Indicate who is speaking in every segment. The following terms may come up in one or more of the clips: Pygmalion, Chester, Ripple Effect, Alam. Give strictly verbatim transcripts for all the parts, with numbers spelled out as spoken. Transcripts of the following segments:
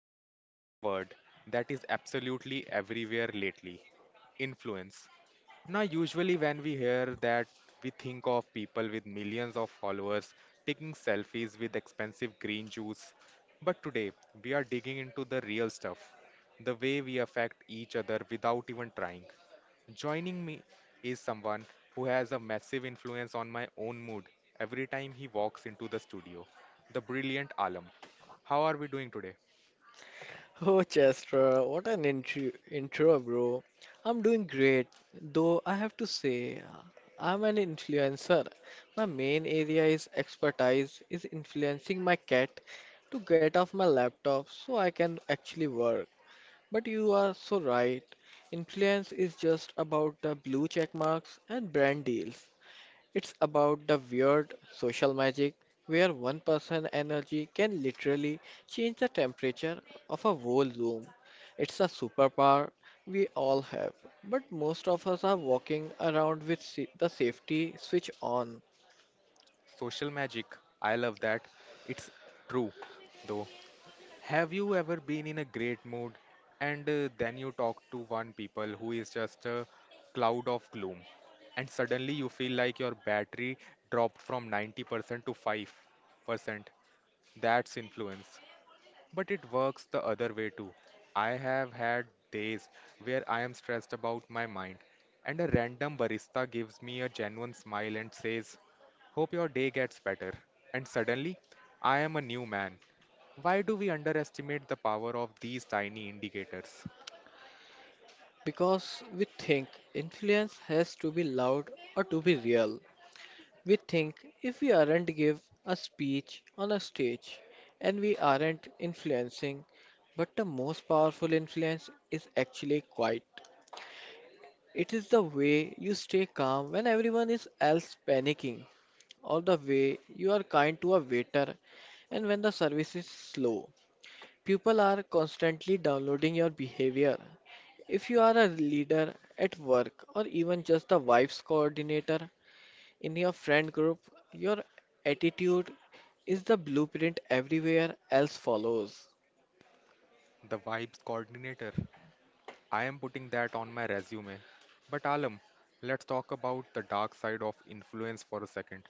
Speaker 1: talking about a word that is absolutely everywhere lately, influence. Now, usually, when we hear that, we think of people with millions of followers taking selfies with expensive green juice. But today, we are digging into the real stuff, the way we affect each other without even trying. Joining me is someone who has a massive influence on my own mood every time he walks into the studio. The brilliant Alam. How are we doing today?
Speaker 2: Oh, Chester, what an intro, intro, bro. I'm doing great, though I have to say, uh, I'm an influencer. My main area is expertise is influencing my cat to get off my laptop so I can actually work. But you are so right. Influence is just about the blue check marks and brand deals. It's about the weird social magic where one person energy can literally change the temperature of a whole room. It's a superpower we all have, but most of us are walking around with sa- the safety switch on
Speaker 1: Social magic. I love that. It's true, though. Have you ever been in a great mood and uh, then you talk to one people who is just a cloud of gloom and suddenly you feel like your battery dropped from ninety percent to five percent? That's influence. But it works the other way too. I have had days where I am stressed about my mind, and a random barista gives me a genuine smile and says, Hope your day gets better. And suddenly, I am a new man. Why do we underestimate the power of these tiny indicators?
Speaker 2: because we think influence has to be loud or to be real. We think if we aren't give a speech on a stage and we aren't influencing, but the most powerful influence is actually quiet. It is the way you stay calm when everyone is else panicking, or the way you are kind to a waiter and when the service is slow. People are constantly downloading your behavior. If you are a leader at work or even just a wife's coordinator, in your friend group, your attitude is the blueprint everywhere else follows.
Speaker 1: The vibes coordinator. I am putting that on my resume. But Alam, let's talk about the dark side of influence for a second.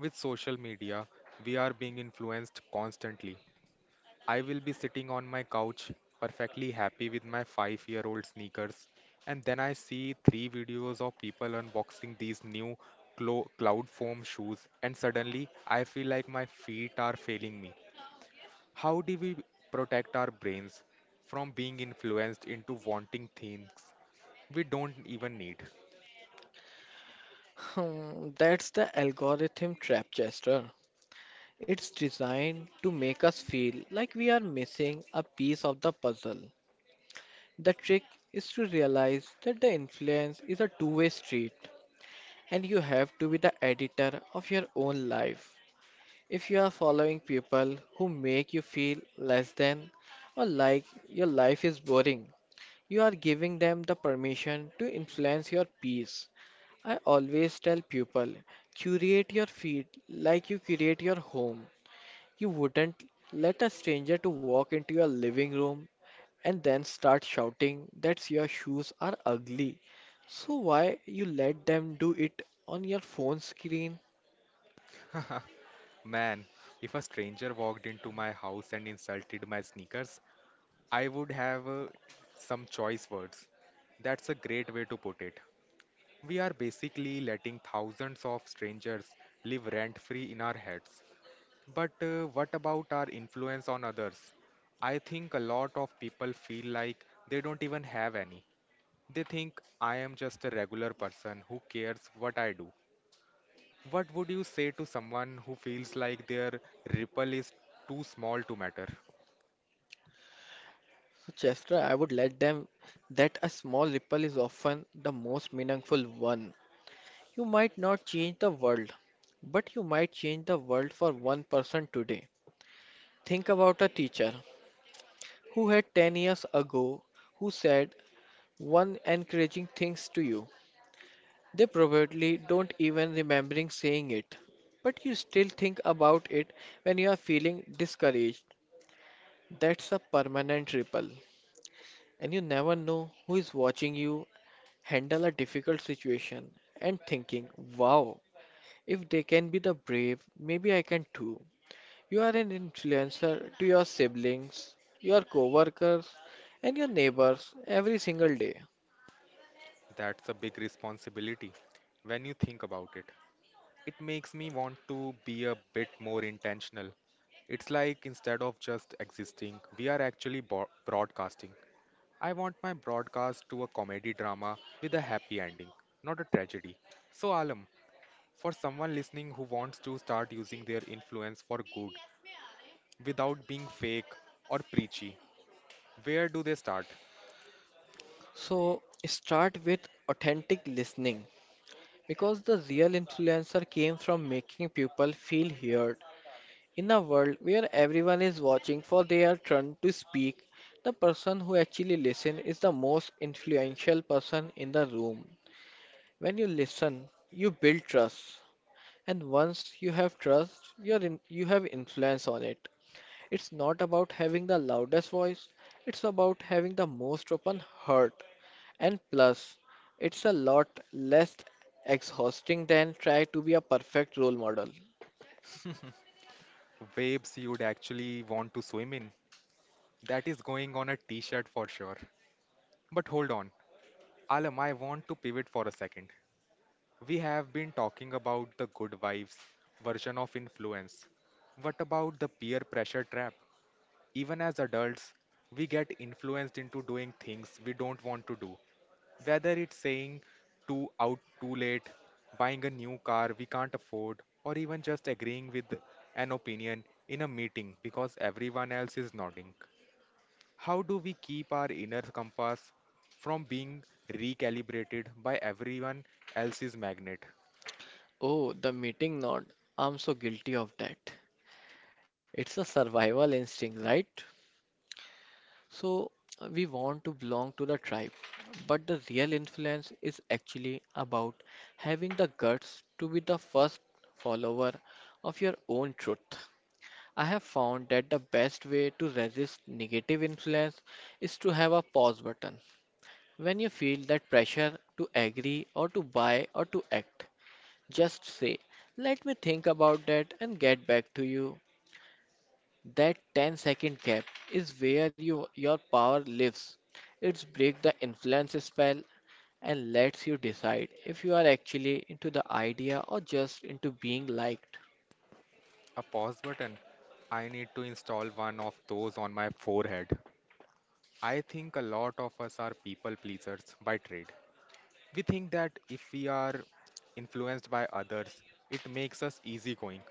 Speaker 1: With social media, we are being influenced constantly. I will be sitting on my couch, perfectly happy with my five year old sneakers, and then I see three videos of people unboxing these new clo- cloud foam shoes, and suddenly I feel like my feet are failing me. How do we protect our brains from being influenced into wanting things we don't even need?
Speaker 2: Hmm, that's the algorithm trap, Chester. It's designed to make us feel like we are missing a piece of the puzzle. The trick is to realize that the influence is a two way street and you have to be the editor of your own life. If you are following people who make you feel less than or like your life is boring, you are giving them the permission to influence your piece. I always tell people curate your feed like you curate your home. You wouldn't let a stranger to walk into your living room and then start shouting that your shoes are ugly. So why you let them do it on your phone screen?
Speaker 1: Man, if a stranger walked into my house and insulted my sneakers, I would have uh, some choice words. That's a great way to put it. We are basically letting thousands of strangers live rent free in our heads. But uh, what about our influence on others? I think a lot of people feel like they don't even have any. They think I am just a regular person who cares what I do. What would you say to someone who feels like their ripple is too small to matter?
Speaker 2: So Chester, I would let them that a small ripple is often the most meaningful one. You might not change the world, but you might change the world for one person today. Think about a teacher who had ten years ago who said one encouraging things to you. They probably don't even remembering saying it, but you still think about it when you are feeling discouraged. That's a permanent ripple, and you never know who is watching you handle a difficult situation and thinking, wow, if they can be the brave, maybe I can too. You are an influencer to your siblings, your coworkers, and your neighbors every single day.
Speaker 1: That's a big responsibility when you think about it. It makes me want to be a bit more intentional. It's like instead of just existing, we are actually bo- broadcasting. I want my broadcast to a comedy drama with a happy ending, not a tragedy. So, Alam, for someone listening who wants to start using their influence for good without being fake or preachy, where do they start?
Speaker 2: So start with authentic listening because the real influencer came from making people feel heard. In a world where everyone is watching for their turn to speak, the person who actually listens is the most influential person in the room. When you listen, you build trust, and once you have trust, you're in, you have influence on it. It's not about having the loudest voice, it's about having the most open heart. And plus, it's a lot less exhausting than try to be a perfect role model.
Speaker 1: Waves you'd actually want to swim in. That is going on a t shirt for sure. But hold on, Alam, I want to pivot for a second. We have been talking about the good vibes version of influence. What about the peer pressure trap? Even as adults, we get influenced into doing things we don't want to do. Whether it's saying too out too late, buying a new car we can't afford, or even just agreeing with an opinion in a meeting because everyone else is nodding. How do we keep our inner compass from being recalibrated by everyone else's magnet?
Speaker 2: Oh, the meeting nod. I'm so guilty of that. It's a survival instinct, right? So, uh, we want to belong to the tribe, but the real influence is actually about having the guts to be the first follower of your own truth. I have found that the best way to resist negative influence is to have a pause button. When you feel that pressure to agree or to buy or to act, just say, let me think about that and get back to you. That ten second gap is where you, your power lives. It's break the influence spell and lets you decide if you are actually into the idea or just into being liked.
Speaker 1: A pause button. I need to install one of those on my forehead. I think a lot of us are people pleasers by trade. We think that if we are influenced by others, it makes us easygoing.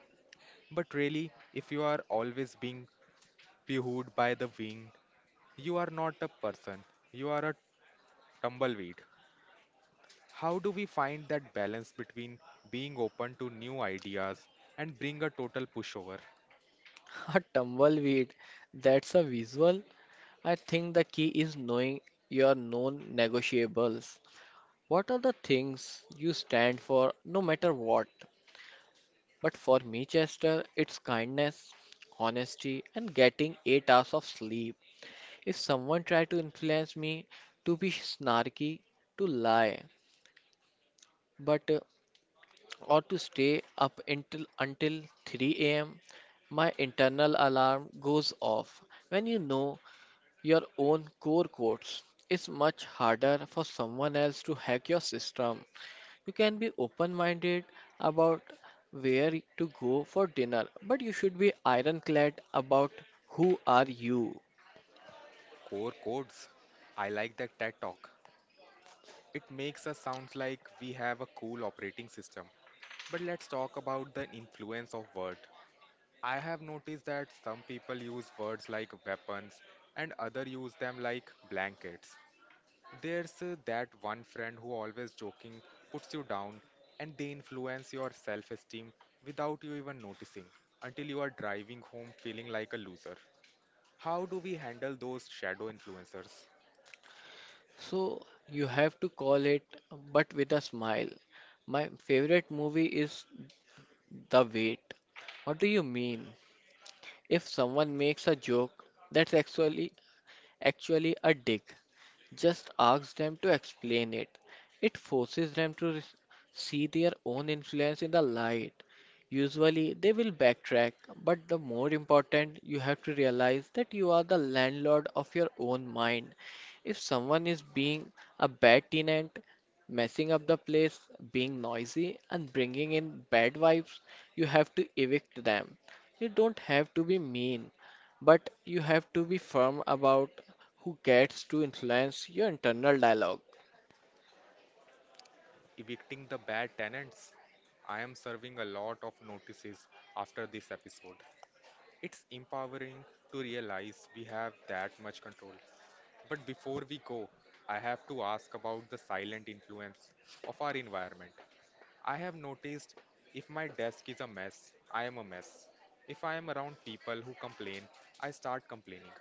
Speaker 1: But really, if you are always being poohed by the wind, you are not a person, you are a tumbleweed. How do we find that balance between being open to new ideas and being a total pushover?
Speaker 2: A tumbleweed, that's a visual. I think the key is knowing your non negotiables. What are the things you stand for no matter what? But for me, Chester, it's kindness, honesty, and getting eight hours of sleep. If someone tried to influence me to be snarky, to lie, but uh, or to stay up until until three a m, my internal alarm goes off. When you know your own core codes. It's much harder for someone else to hack your system. You can be open minded about where to go for dinner, but you should be ironclad about who are you.
Speaker 1: Core codes. I like that TED talk. It makes us sound like we have a cool operating system. But let's talk about the influence of word. I have noticed that some people use words like weapons and other use them like blankets. There's uh, that one friend who always joking puts you down and they influence your self-esteem without you even noticing until you are driving home feeling like a loser. How do we handle those shadow influencers?
Speaker 2: So you have to call it but with a smile. My favorite movie is The Wait. What do you mean? If someone makes a joke, that's actually actually a dig. Just ask them to explain it. It forces them to res- see their own influence in the light. Usually, they will backtrack, but the more important, you have to realize that you are the landlord of your own mind. If someone is being a bad tenant, messing up the place, being noisy, and bringing in bad vibes, you have to evict them. You don't have to be mean, but you have to be firm about who gets to influence your internal dialogue.
Speaker 1: Evicting the bad tenants. I am serving a lot of notices after this episode. It's empowering to realize we have that much control. But before we go, I have to ask about the silent influence of our environment. I have noticed if my desk is a mess, I am a mess. If I am around people who complain, I start complaining.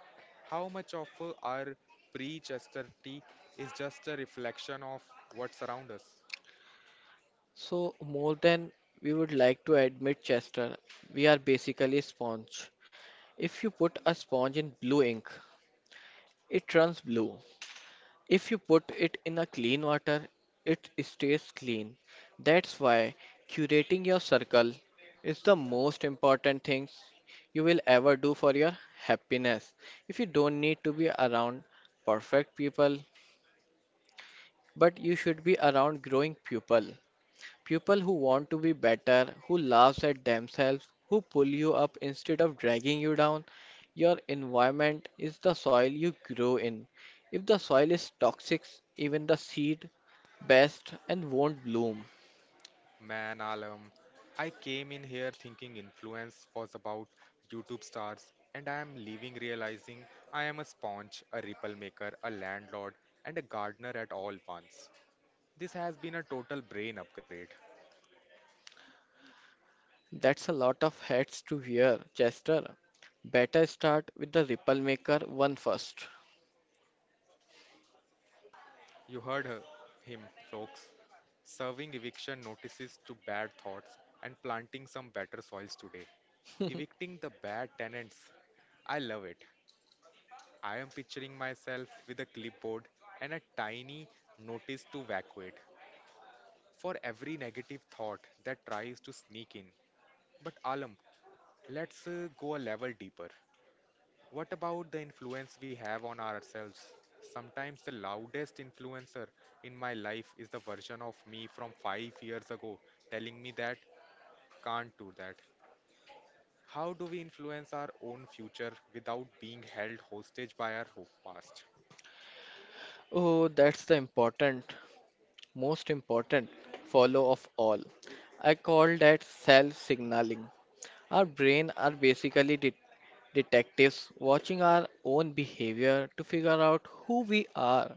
Speaker 1: How much of uh, our pre-Chester is just a reflection of what's around us?
Speaker 2: So, more than we would like to admit, Chester, we are basically a sponge. If you put a sponge in blue ink, it turns blue. If you put it in a clean water, it stays clean. That's why curating your circle is the most important thing you will ever do for your happiness. If you don't need to be around perfect people, but you should be around growing people. People who want to be better, who laughs at themselves, who pull you up instead of dragging you down. Your environment is the soil you grow in. If the soil is toxic, even the seed best and won't bloom.
Speaker 1: Man, Alam, I came in here thinking influence was about YouTube stars, and I am leaving realizing I am a sponge, a ripple maker, a landlord, and a gardener at all once. This has been a total brain upgrade.
Speaker 2: That's a lot of hats to wear, Chester. Better start with the ripple maker one first.
Speaker 1: You heard her, him, folks. Serving eviction notices to bad thoughts and planting some better soils today. Evicting the bad tenants. I love it. I am picturing myself with a clipboard and a tiny notice to evacuate for every negative thought that tries to sneak in. But Alam, let's uh, go a level deeper. What about the influence we have on ourselves? Sometimes the loudest influencer in my life is the version of me from five years ago telling me that can't do that. How do we influence our own future without being held hostage by our ho- past?
Speaker 2: Oh, that's the important, most important follow of all. I call that self signaling. Our brain are basically det- detectives watching our own behavior to figure out who we are.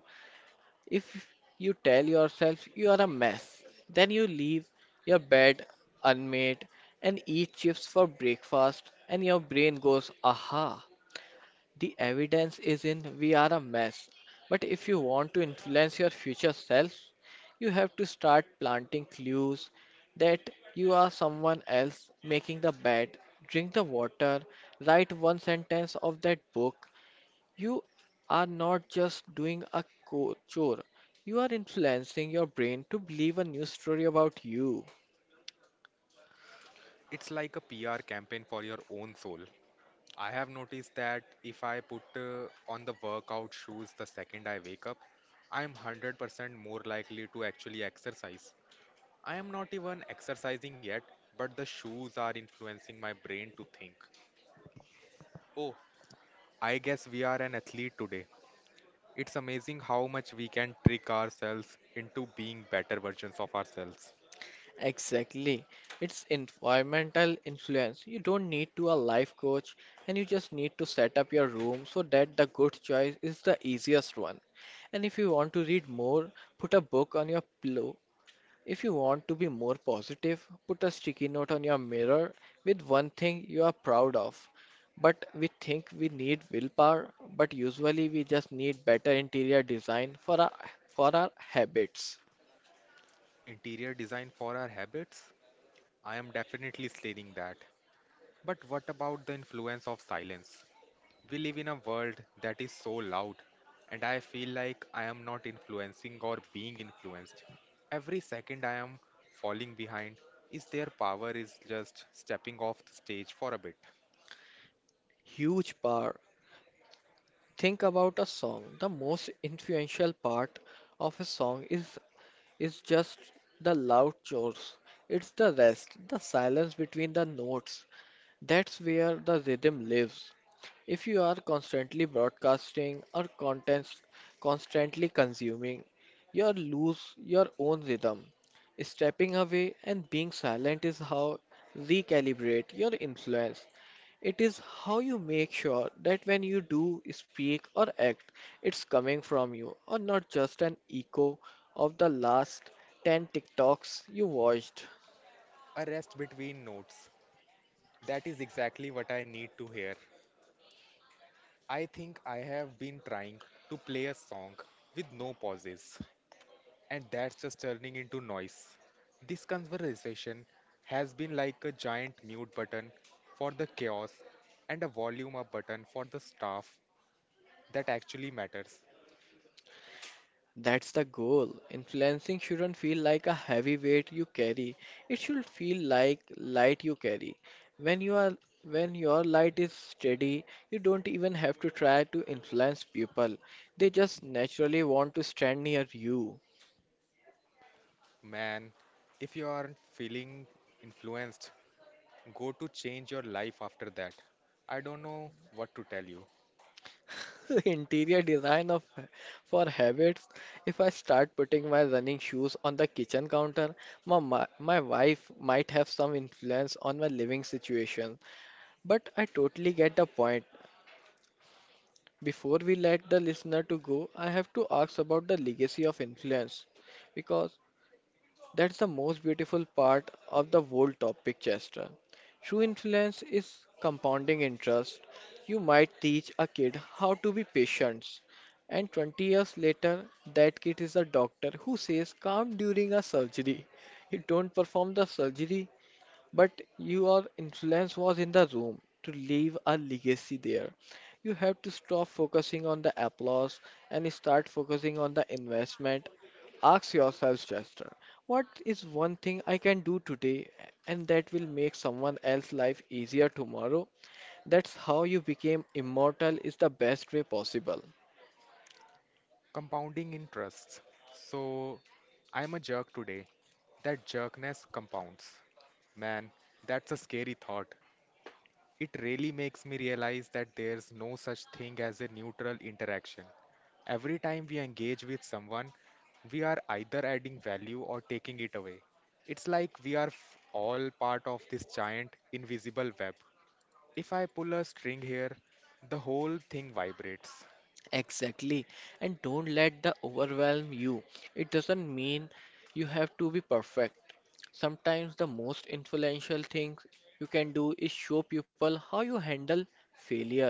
Speaker 2: If you tell yourself you are a mess, then you leave your bed unmade and eat chips for breakfast and your brain goes aha the evidence is in we are a mess. But if you want to influence your future self, you have to start planting clues that you are someone else making the bed, drink the water, write one sentence of that book. You are not just doing a co- chore, you are influencing your brain to believe a new story about you.
Speaker 1: It's like a P R campaign for your own soul. I have noticed that if I put uh, on the workout shoes the second I wake up, I am one hundred percent more likely to actually exercise. I am not even exercising yet, but the shoes are influencing my brain to think. Oh, I guess we are an athlete today. It's amazing how much we can trick ourselves into being better versions of ourselves.
Speaker 2: Exactly. It's environmental influence. You don't need to a life coach and you just need to set up your room so that the good choice is the easiest one. And if you want to read more, put a book on your pillow. If you want to be more positive, put a sticky note on your mirror with one thing you are proud of. But we think we need willpower, but usually we just need better interior design for our for our habits.
Speaker 1: Interior design for our habits? I am definitely slaying that. But what about the influence of silence? We live in a world that is so loud, and I feel like I am not influencing or being influenced. Every second I am falling behind is their power is just stepping off the stage for a bit.
Speaker 2: Huge power. Think about a song. The most influential part of a song is it's just the loud chores. It's the rest, the silence between the notes. That's where the rhythm lives. If you are constantly broadcasting or content constantly consuming, you lose your own rhythm. Stepping away and being silent is how recalibrate your influence. It is how you make sure that when you do speak or act, it's coming from you or not just an echo of the last ten TikToks you watched.
Speaker 1: A rest between notes. That is exactly what I need to hear. I think I have been trying to play a song with no pauses, and that's just turning into noise. This conversation has been like a giant mute button for the chaos and a volume up button for the stuff that actually matters.
Speaker 2: That's the goal. Influencing shouldn't feel like a heavy weight you carry. It should feel like light you carry. When you are when your light is steady, you don't even have to try to influence people. They just naturally want to stand near you.
Speaker 1: Man, if you aren't feeling influenced, go to change your life after that. I don't know what to tell you.
Speaker 2: Interior design of for habits. If I start putting my running shoes on the kitchen counter, my, my my wife might have some influence on my living situation. But I totally get the point. Before we let the listener to go, I have to ask about the legacy of influence because that's the most beautiful part of the whole topic, Chester. True influence is compounding interest. You might teach a kid how to be patient, and twenty years later, that kid is a doctor who says calm during a surgery. You don't perform the surgery, but your influence was in the room to leave a legacy there. You have to stop focusing on the applause and start focusing on the investment. Ask yourself, Chester, what is one thing I can do today and that will make someone else's life easier tomorrow? That's how you became immortal is the best way possible.
Speaker 1: Compounding interests. So, I'm a jerk today. That jerkness compounds. Man, that's a scary thought. It really makes me realize that there's no such thing as a neutral interaction. Every time we engage with someone, we are either adding value or taking it away. It's like we are f- all part of this giant invisible web. If I pull a string here, the whole thing vibrates.
Speaker 2: Exactly. And don't let the overwhelm you. It doesn't mean you have to be perfect. Sometimes the most influential thing you can do is show people how you handle failure.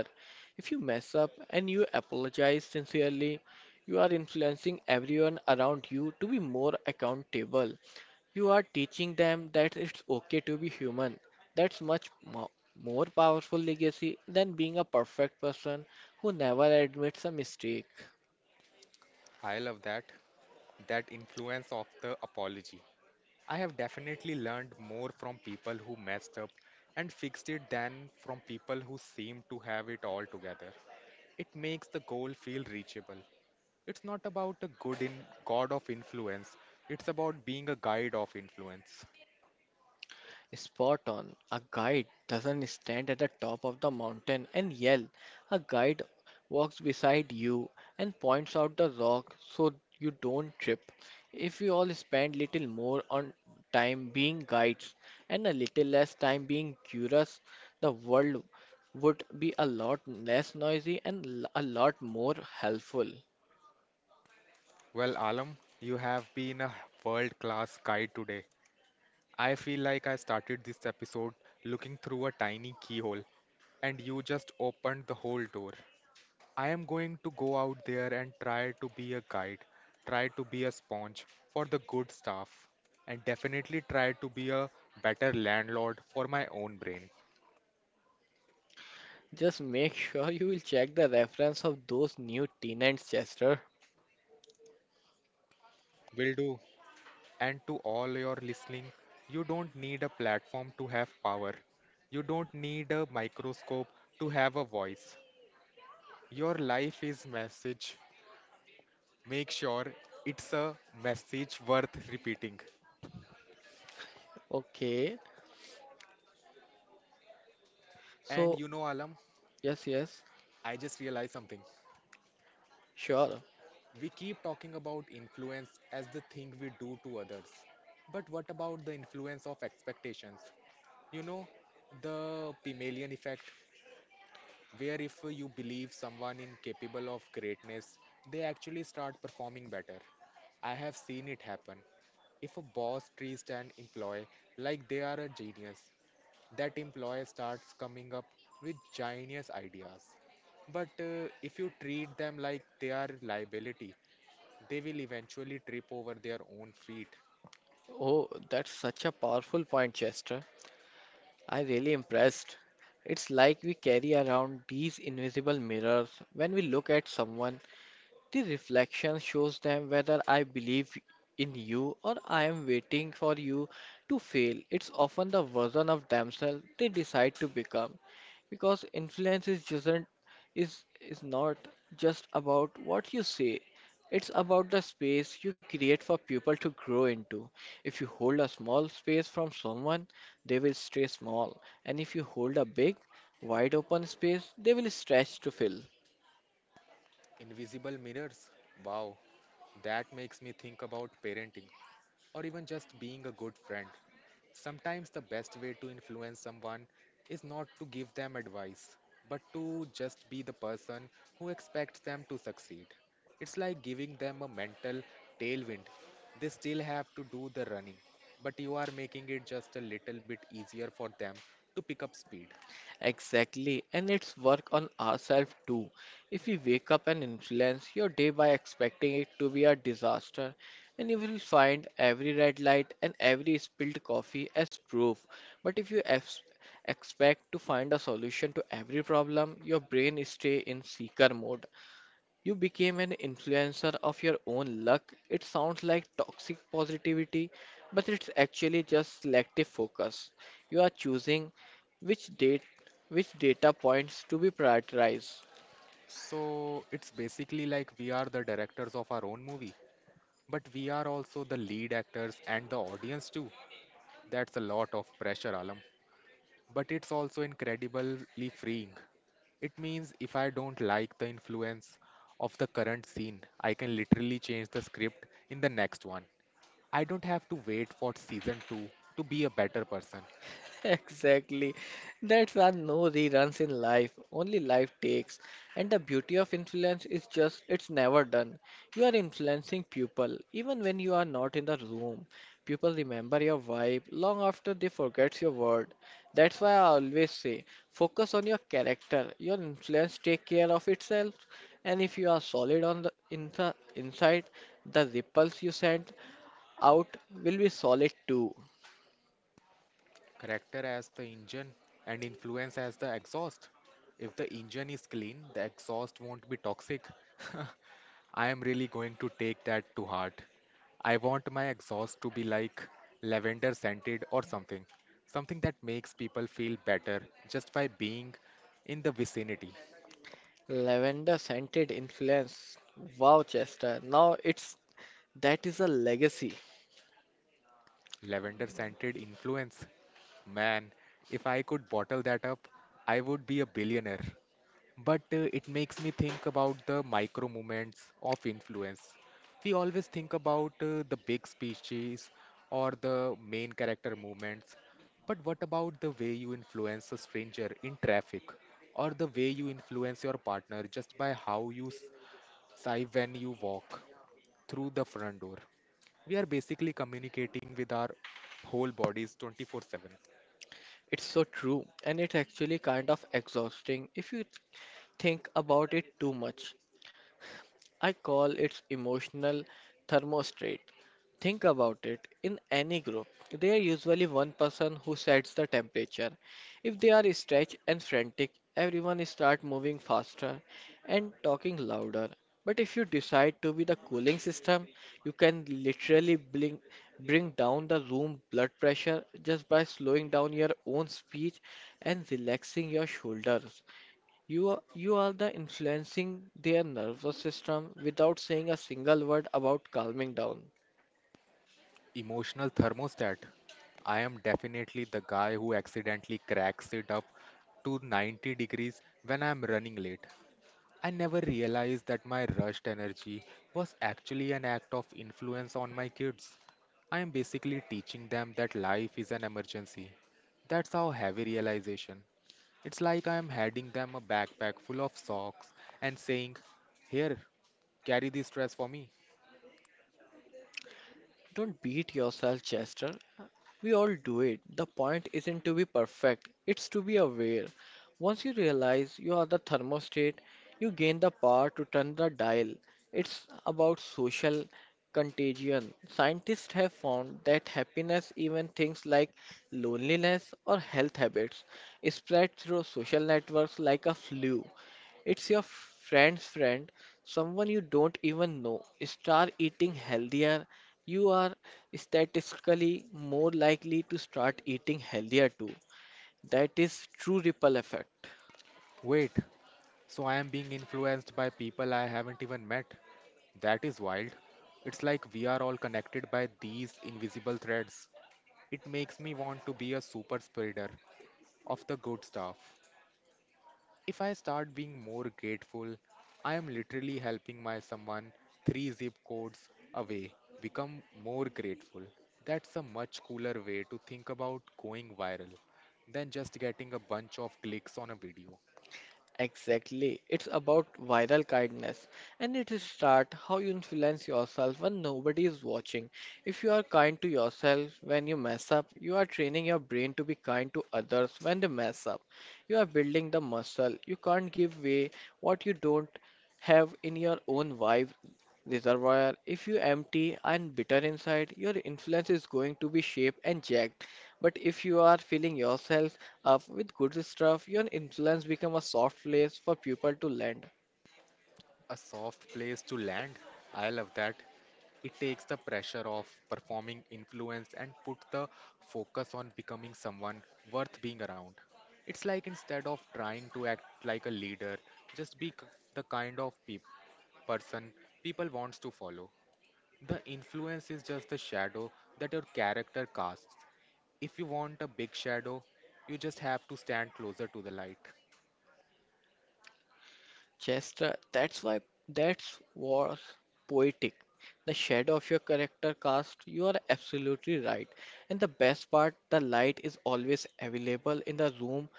Speaker 2: If you mess up and you apologize sincerely, you are influencing everyone around you to be more accountable. You are teaching them that it's okay to be human. That's much mo- more powerful legacy than being a perfect person who never admits a mistake.
Speaker 1: I love that. That influence of the apology. I have definitely learned more from people who messed up and fixed it than from people who seem to have it all together. It makes the goal feel reachable. It's not about a good in god of influence, it's about being a guide of influence.
Speaker 2: Spot on. A guide doesn't stand at the top of the mountain and yell. A guide walks beside you and points out the rock so you don't trip. If we all spend little more on time being guides and a little less time being curious, the world would be a lot less noisy and l- a lot more helpful.
Speaker 1: Well, Alam, you have been a world class guide today. I feel like I started this episode looking through a tiny keyhole, and you just opened the whole door. I am going to go out there and try to be a guide, try to be a sponge for the good stuff, and definitely try to be a better landlord for my own brain.
Speaker 2: Just make sure you will check the reference of those new tenants, Chester.
Speaker 1: Will do. And to all your listening, you don't need a platform to have power. You don't need a microscope to have a voice. Your life is message, make sure it's a message worth repeating.
Speaker 2: Okay.
Speaker 1: And
Speaker 2: So,
Speaker 1: you know, Alam,
Speaker 2: yes, yes.
Speaker 1: I just realized something.
Speaker 2: Sure.
Speaker 1: We keep talking about influence as the thing we do to others. But what about the influence of expectations? You know, the Pygmalion effect, where if you believe someone incapable of greatness, they actually start performing better. I have seen it happen. If a boss treats an employee like they are a genius, that employee starts coming up with genius ideas. But uh, if you treat them like they are liability, they will eventually trip over their own feet.
Speaker 2: Oh, that's such a powerful point, Chester. I really impressed. It's like we carry around these invisible mirrors when we look at someone. The reflection shows them whether I believe in you or I am waiting for you to fail. It's often the version of themselves they decide to become because influence is just is is not just about what you say. It's about the space you create for people to grow into. If you hold a small space from someone, they will stay small, and if you hold a big, wide open space, they will stretch to fill.
Speaker 1: Invisible mirrors. Wow, that makes me think about parenting or even just being a good friend. Sometimes the best way to influence someone is not to give them advice, but to just be the person who expects them to succeed. It's like giving them a mental tailwind. They still have to do the running, but you are making it just a little bit easier for them to pick up speed.
Speaker 2: Exactly, and it's work on ourselves too. If you wake up and influence your day by expecting it to be a disaster, and you will find every red light and every spilled coffee as proof. But if you ex- expect to find a solution to every problem, your brain stay in seeker mode. You became an influencer of your own luck. It sounds like toxic positivity, but it's actually just selective focus. You are choosing which date which data points to be prioritized.
Speaker 1: So it's basically like we are the directors of our own movie. But we are also the lead actors and the audience too. That's a lot of pressure, Alam. But it's also incredibly freeing. It means if I don't like the influence of the current scene, I can literally change the script in the next one. I don't have to wait for season two to be a better person.
Speaker 2: Exactly. That's why no reruns in life. Only life takes. And the beauty of influence is just it's never done. You are influencing people even when you are not in the room. People remember your vibe long after they forget your word. That's why I always say focus on your character. Your influence take care of itself. And if you are solid on the in the inside, the ripples you send out will be solid too.
Speaker 1: Character as the engine, and influence as the exhaust. If the engine is clean, the exhaust won't be toxic. I am really going to take that to heart. I want my exhaust to be like lavender scented or something, something that makes people feel better just by being in the vicinity.
Speaker 2: Lavender scented influence. Wow, Chester. Now it's that is a legacy.
Speaker 1: Lavender scented influence. Man, if I could bottle that up, I would be a billionaire. But uh, it makes me think about the micro moments of influence. We always think about uh, the big speeches or the main character movements. But what about the way you influence a stranger in traffic or the way you influence your partner just by how you s- sigh when you walk through the front door? We are basically communicating with our whole bodies twenty-four seven.
Speaker 2: It's so true, and it's actually kind of exhausting if you think about it too much. I call it emotional thermostat. Think about it. In any group, there is usually one person who sets the temperature. If they are stretched and frantic, everyone start moving faster and talking louder. But if you decide to be the cooling system, you can literally bring, bring down the room blood pressure just by slowing down your own speech and relaxing your shoulders. You are, you are the influencing their nervous system without saying a single word about calming down.
Speaker 1: Emotional thermostat. I am definitely the guy who accidentally cracks it up to ninety degrees when I am running late. I never realized that my rushed energy was actually an act of influence on my kids. I am basically teaching them that life is an emergency. That's how heavy realization. It's like I am handing them a backpack full of socks and saying, here, carry the stress for me.
Speaker 2: Don't beat yourself, Chester. We all do it. The point isn't to be perfect, it's to be aware. Once you realize you are the thermostat, you gain the power to turn the dial. It's about social contagion. Scientists have found that happiness, even things like loneliness or health habits, is spread through social networks like a flu. It's your friend's friend, someone you don't even know, start eating healthier, you are statistically more likely to start eating healthier too. That is true ripple effect.
Speaker 1: Wait, so I am being influenced by people I haven't even met. That is wild. It's like we are all connected by these invisible threads. It makes me want to be a super spreader of the good stuff. If I start being more grateful, I am literally helping my someone three zip codes away become more grateful. That's a much cooler way to think about going viral than just getting a bunch of clicks on a video.
Speaker 2: Exactly. It's about viral kindness and it is start how you influence yourself when nobody is watching. If you are kind to yourself when you mess up, you are training your brain to be kind to others when they mess up. You are building the muscle. You can't give away what you don't have in your own vibe reservoir. If you empty and bitter inside, your influence is going to be shaped and jagged. But if you are filling yourself up with good stuff, your influence become a soft place for people to land.
Speaker 1: A soft place to land. I love that. It takes the pressure off performing influence and put the focus on becoming someone worth being around. It's like instead of trying to act like a leader, just be k- the kind of peop person people wants to follow. The influence is just the shadow that your character casts. If you want a big shadow, you just have to stand closer to the light.
Speaker 2: Chester, that's why that's was poetic. The shadow of your character cast, you are absolutely right. And the best part, the light is always available in the room.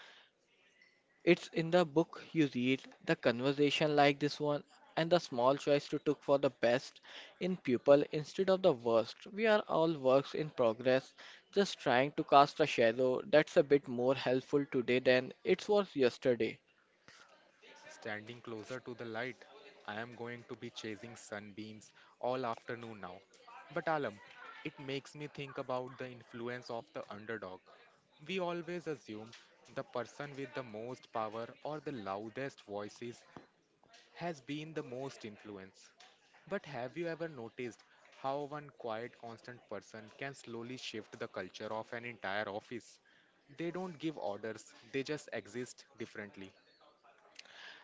Speaker 2: It's in the book you read, the conversation like this one, and the small choice to took for the best in people instead of the worst. We are all works in progress, just trying to cast a shadow that's a bit more helpful today than it was yesterday.
Speaker 1: Standing closer to the light, I am going to be chasing sunbeams all afternoon now. But Alam, it makes me think about the influence of the underdog. We always assume the person with the most power or the loudest voices has been the most influence. But have you ever noticed how one quiet, constant person can slowly shift the culture of an entire office? They don't give orders, they just exist differently.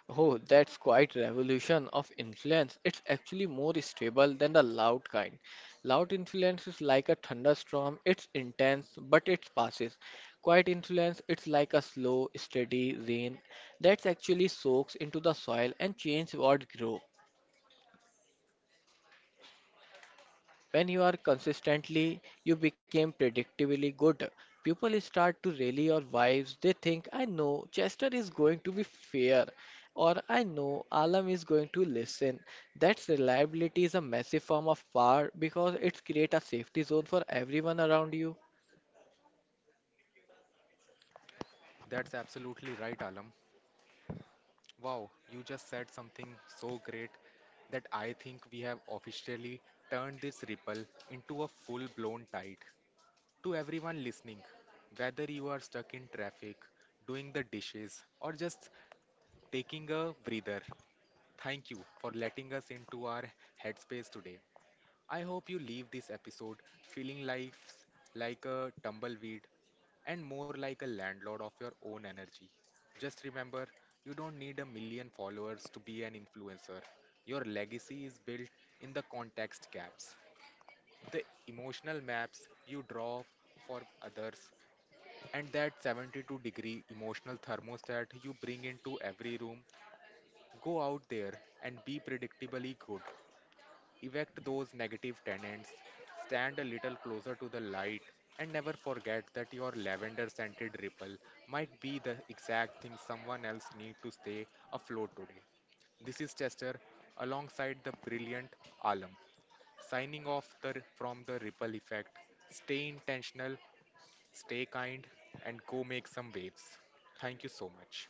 Speaker 2: Oh, that's quite revolution of influence. It's actually more stable than the loud kind. Loud influence is like a thunderstorm. It's intense, but it passes. Quiet influence, it's like a slow, steady rain that actually soaks into the soil and changes what grow. When you are consistently, you become predictably good. People start to rally your vibes. They think, I know Chester is going to be fair, or I know Alam is going to listen. That reliability is a massive form of power because it creates a safety zone for everyone around you.
Speaker 1: That's absolutely right, Alam. Wow, you just said something so great that I think we have officially turned this ripple into a full blown tide. To everyone listening, whether you are stuck in traffic, doing the dishes, or just taking a breather, thank you for letting us into our headspace today. I hope you leave this episode feeling life's like a tumbleweed and more like a landlord of your own energy. Just remember, you don't need a million followers to be an influencer. Your legacy is built in the context gaps, the emotional maps you draw for others, and that seventy-two degree emotional thermostat you bring into every room. Go out there and be predictably good. Evict those negative tenants, stand a little closer to the light, and never forget that your lavender scented ripple might be the exact thing someone else needs to stay afloat today. This is Chester alongside the brilliant Alam, signing off the, from the ripple effect. Stay intentional, stay kind, and go make some waves. Thank you so much.